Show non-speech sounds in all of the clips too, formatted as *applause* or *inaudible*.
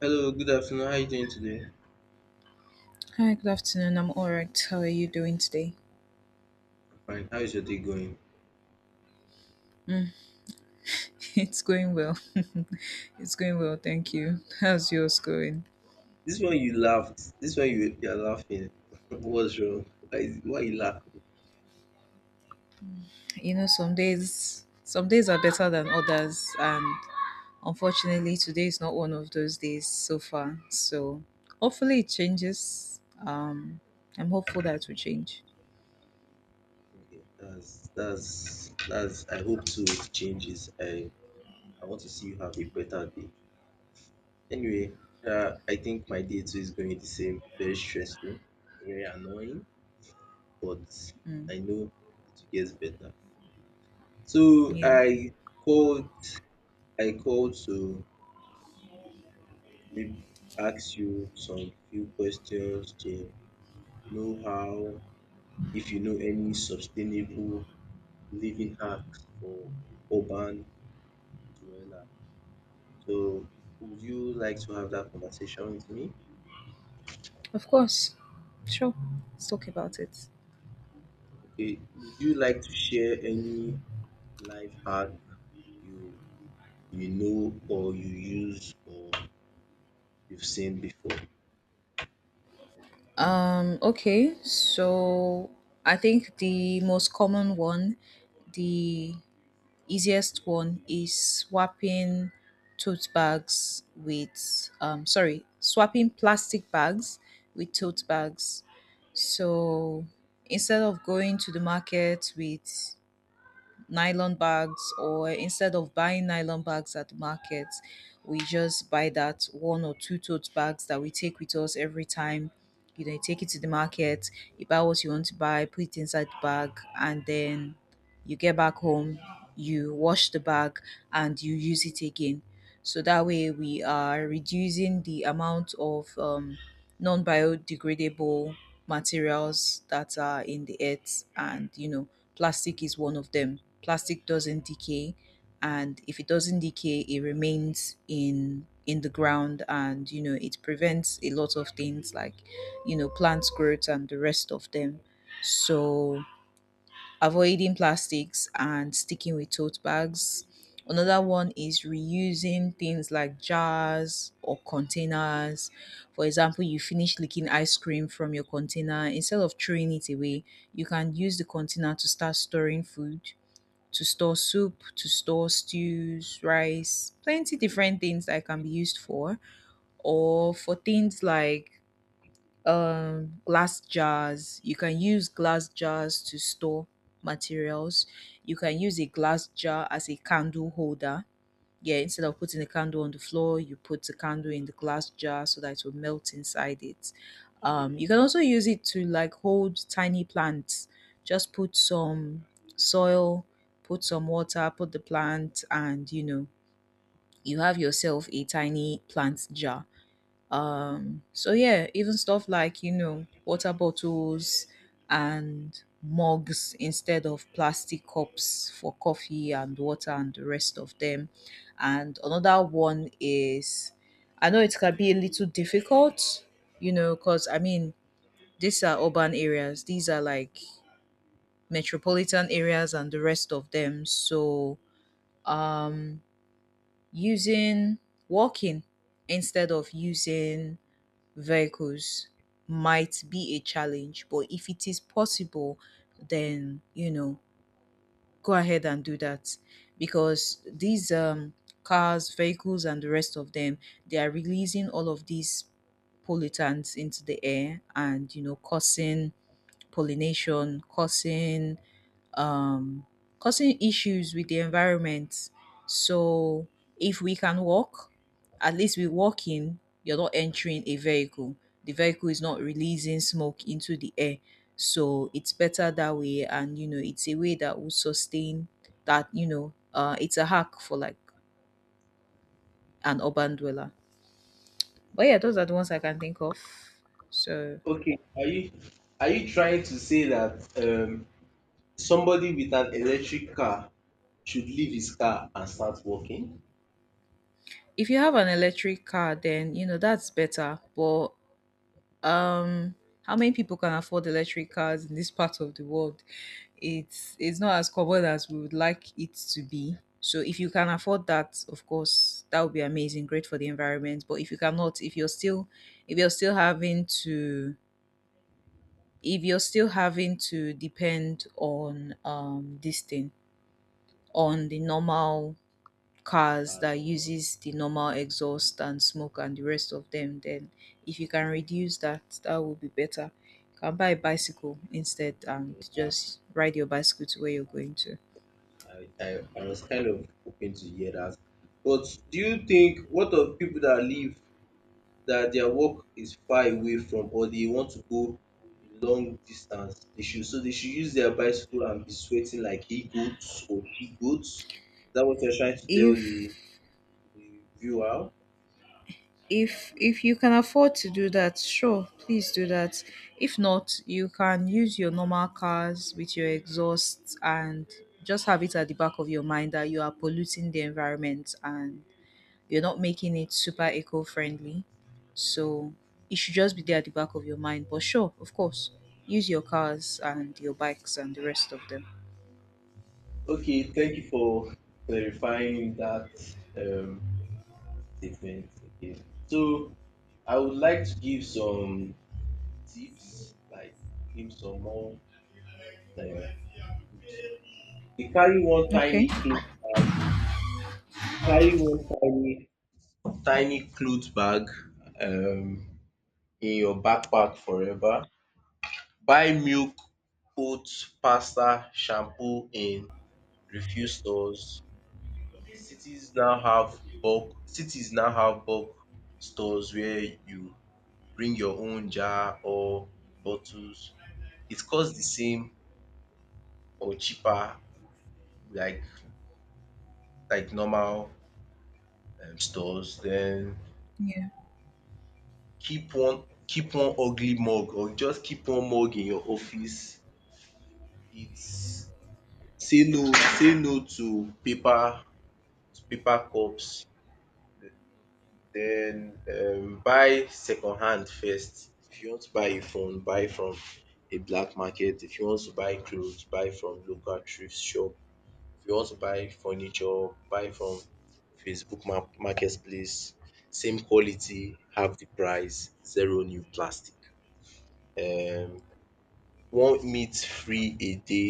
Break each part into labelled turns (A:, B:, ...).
A: Hello, good afternoon. How are you doing today?
B: Hi, good afternoon. I'm all right. How are you doing today?
A: Fine. How is your day going?
B: *laughs* It's going well. *laughs* it's going well, thank you. How's yours going?
A: This one you laughed. This one you're laughing. *laughs* What's wrong? Why you laugh?
B: You know, some days are better than others and unfortunately today is not one of those days so far. So hopefully it changes. I'm hopeful that it will change.
A: Okay, that's. I hope to changes. I want to see you have a better day. Anyway, I think my day too is going the same. Very stressful, very annoying, but
B: Mm,
A: I know it gets better. So
B: yeah.
A: I called. I called to maybe ask you some few questions to know how if you know any sustainable living hacks for urban dweller. So would you like to have that conversation with me?
B: Of course. Sure. Let's talk about it.
A: Okay. Would you like to share any life hack you you know or you use or you've seen before?
B: Okay, so I think the most common one, the easiest one is swapping tote bags with sorry, swapping plastic bags with tote bags. So instead of going to the market with nylon bags, or instead of buying nylon bags at the market, we just buy that one or two tote bags that we take with us every time. You know, you take it to the market, you buy what you want to buy, put it inside the bag, and then you get back home, you wash the bag, and you use it again. So that way we are reducing the amount of non-biodegradable materials that are in the earth. And you know, plastic is one of them. Plastic doesn't decay, and if it doesn't decay, it remains in the ground, and you know, it prevents a lot of things like, you know, plant growth and the rest of them. So avoiding plastics and sticking with tote bags. Another one is reusing things like jars or containers. For example, you finish licking ice cream from your container, instead of throwing it away, you can use the container to start storing food, to store soup, to store stews, rice, plenty different things that it can be used for. Or for things like, glass jars, you can use glass jars to store materials. You can use a glass jar as a candle holder. Yeah, instead of putting the candle on the floor, you put the candle in the glass jar so that it will melt inside it. You can also use it to like hold tiny plants. Just put some soil, put some water, put the plant, and you know, you have yourself a tiny plant jar. So yeah, even stuff like, you know, water bottles and mugs instead of plastic cups for coffee and water and the rest of them. And another one is, I know it can be a little difficult, you know, because I mean, these are urban areas, these are like metropolitan areas and the rest of them. So um using, walking instead of using vehicles might be a challenge, but if it is possible, then you know, go ahead and do that. Because these, cars, vehicles, and the rest of them, they are releasing all of these pollutants into the air, and you know, causing pollination, causing, um, causing issues with the environment. So if we can walk, at least we are walking. You're not entering a vehicle. The vehicle is not releasing smoke into the air. So it's better that way. And, you know, it's a way that will sustain that, you know, it's a hack for like an urban dweller. But yeah, those are the ones I can think of. So
A: Okay, are you trying to say that somebody with an electric car should leave his car and start walking.
B: if you have an electric car, then, you know, that's better. But um how many people can afford electric cars in this part of the world? It's not as common as we would like it to be. So if you can afford that, of course, that would be amazing, great for the environment. But if you cannot, if you're still, if you're still having to if you're still having to depend on this thing, on the normal cars
A: Cars,
B: that uses the normal exhaust and smoke and the rest of them, then if you can reduce that, that would be better. You can buy a bicycle instead and
A: yeah,
B: just ride your bicycle to where you're going to.
A: I was kind of hoping to hear that. But do you think what of people that live that their work is far away from or they want to go a long distance? They should so they should use their bicycle and be sweating like he goats or she goats. Is that what you're trying to tell
B: if
A: the viewer?
B: if if you can afford to do that, sure, please do that. If not, you can use your normal cars with your exhaust, and just have it at the back of your mind that you are polluting the environment, and you're not making it super eco friendly. So it should just be there at the back of your mind. But sure, of course, use your cars and your bikes and the rest of them.
A: Okay, thank you for clarifying that. Um, Different. Okay. So I would like to give some tips, like give some more uh, tips. You carry one
B: Okay.
A: tiny cloth bag, carry one tiny tiny cloth bag um in your backpack forever. Buy milk, oats, pasta, shampoo in refuse stores. Cities now have bulk stores where you bring your own jar or bottles. It costs the same or cheaper like normal stores. Then
B: Yeah.
A: keep one ugly mug or just keep one mug in your office. It's say no say no to paper to paper cups. Then buy second hand first. If you want to buy a phone, buy from a black market. If you want to buy clothes, buy from local thrift shop. If you want to buy furniture, buy from Facebook ma marketplace, same quality, half the price, zero new plastic. um One meat free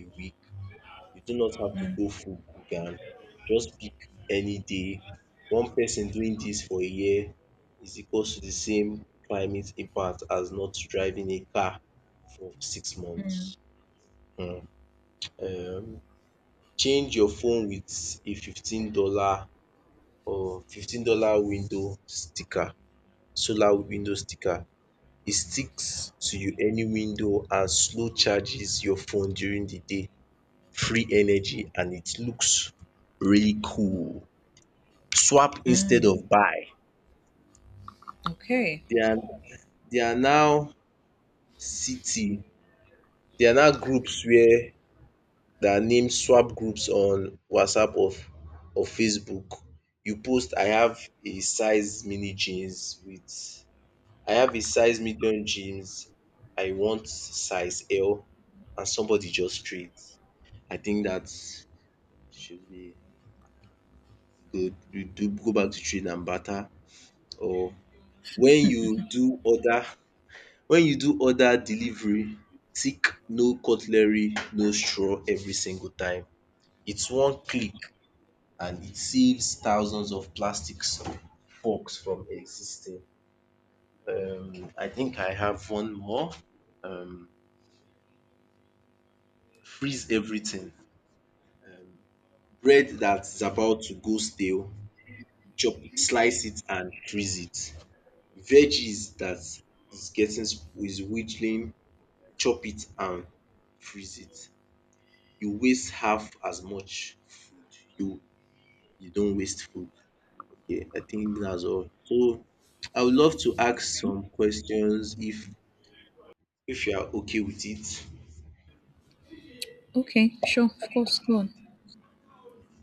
A: a week. You do not have to go full vegan. Just pick any day. One person doing dis for a year is equals to the same climate impact as not driving a car for 6 months. Mm. um Change your phone with a $15 or $15 window sticker, solar window sticker. E sticks to you any window and slow charges your phone during the day. Free energy and it looks really cool. Swap instead
B: Mm,
A: of buy.
B: okay.
A: There are there are now city, there are now groups where there are name swap groups on WhatsApp or Facebook. You post I have a size mini jeans with I have a size medium jeans, I want size L, and somebody just trade. I think that should be good. You do go back to trade and barter or when you do order when you do order delivery, tick no cutlery, no straw every single time. It's one click and it saves thousands of plastics forks from existing. Um, I think I have one more. Um Freeze everything. Um, bread that's about to go stale, chop it, slice it and freeze it. Veggies that is getting is witheling, chop it and freeze it. You waste half as much food. You you don't waste food. Okay, I think that's all. So I would love to ask some questions if you are okay with it.
B: Okay, sure, of course, go on.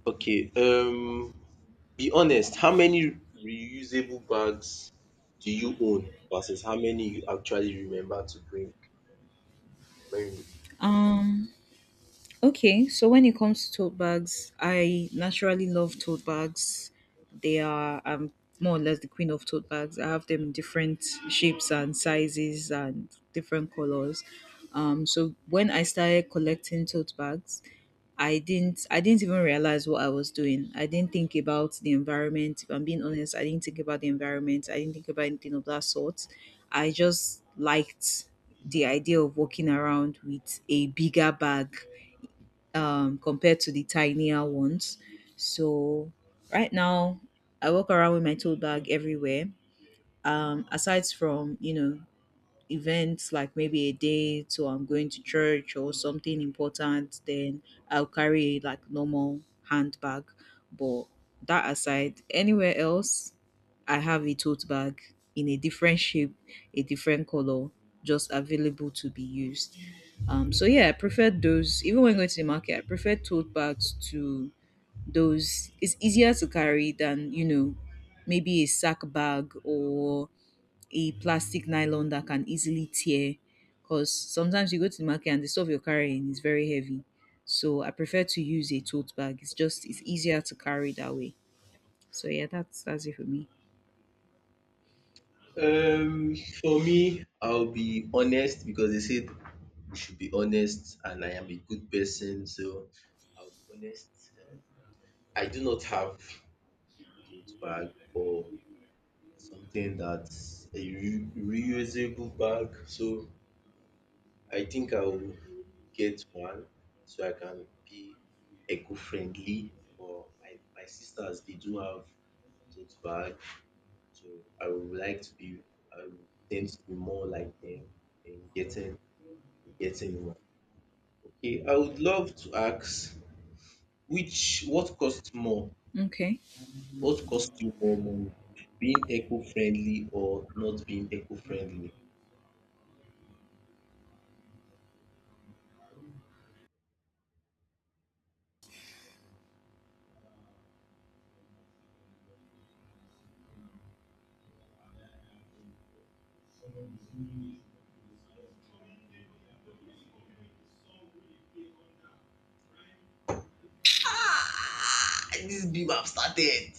A: Okay, be honest, how many reusable bags do you own versus how many you actually remember to bring when
B: Um Okay, so when it comes to tote bags, I naturally love tote bags. They are, more or less the queen of tote bags. I have them in different shapes and sizes and different colors. So when I started collecting tote bags, I didn't even realize what I was doing. I didn't think about the environment. If I'm being honest, I didn't think about the environment. I didn't think about anything of that sort. I just liked the idea of walking around with a bigger bag, compared to the tinier ones. So right now, I walk around with my tote bag everywhere. Aside from, you know, events like maybe a date or I'm going to church or something important, then I'll carry like normal handbag. But that aside, anywhere else, I have a tote bag in a different shape, a different color, just available to be used. So yeah, I prefer those. Even when going to the market, I prefer tote bags to those. It's easier to carry than, you know, maybe a sack bag or a plastic nylon that can easily tear, because sometimes you go to the market and the stuff you're carrying is very heavy. So I prefer to use a tote bag. It's just it's easier to carry that way. So yeah, that's it for me.
A: um for me I'll be honest because they said we should be honest and I am a good person so I'll be honest. I do not have a tote bag or something that's a reusable bag so I think I will get one so I can be eco-friendly. But my sisters they do have tote bag, so I would like to be. I would tend to be more like them in getting one. Okay, I would love to ask which what costs more?
B: Okay.
A: What costs you more money? Being eco-friendly or not being eco-friendly? Ah, this beam have started.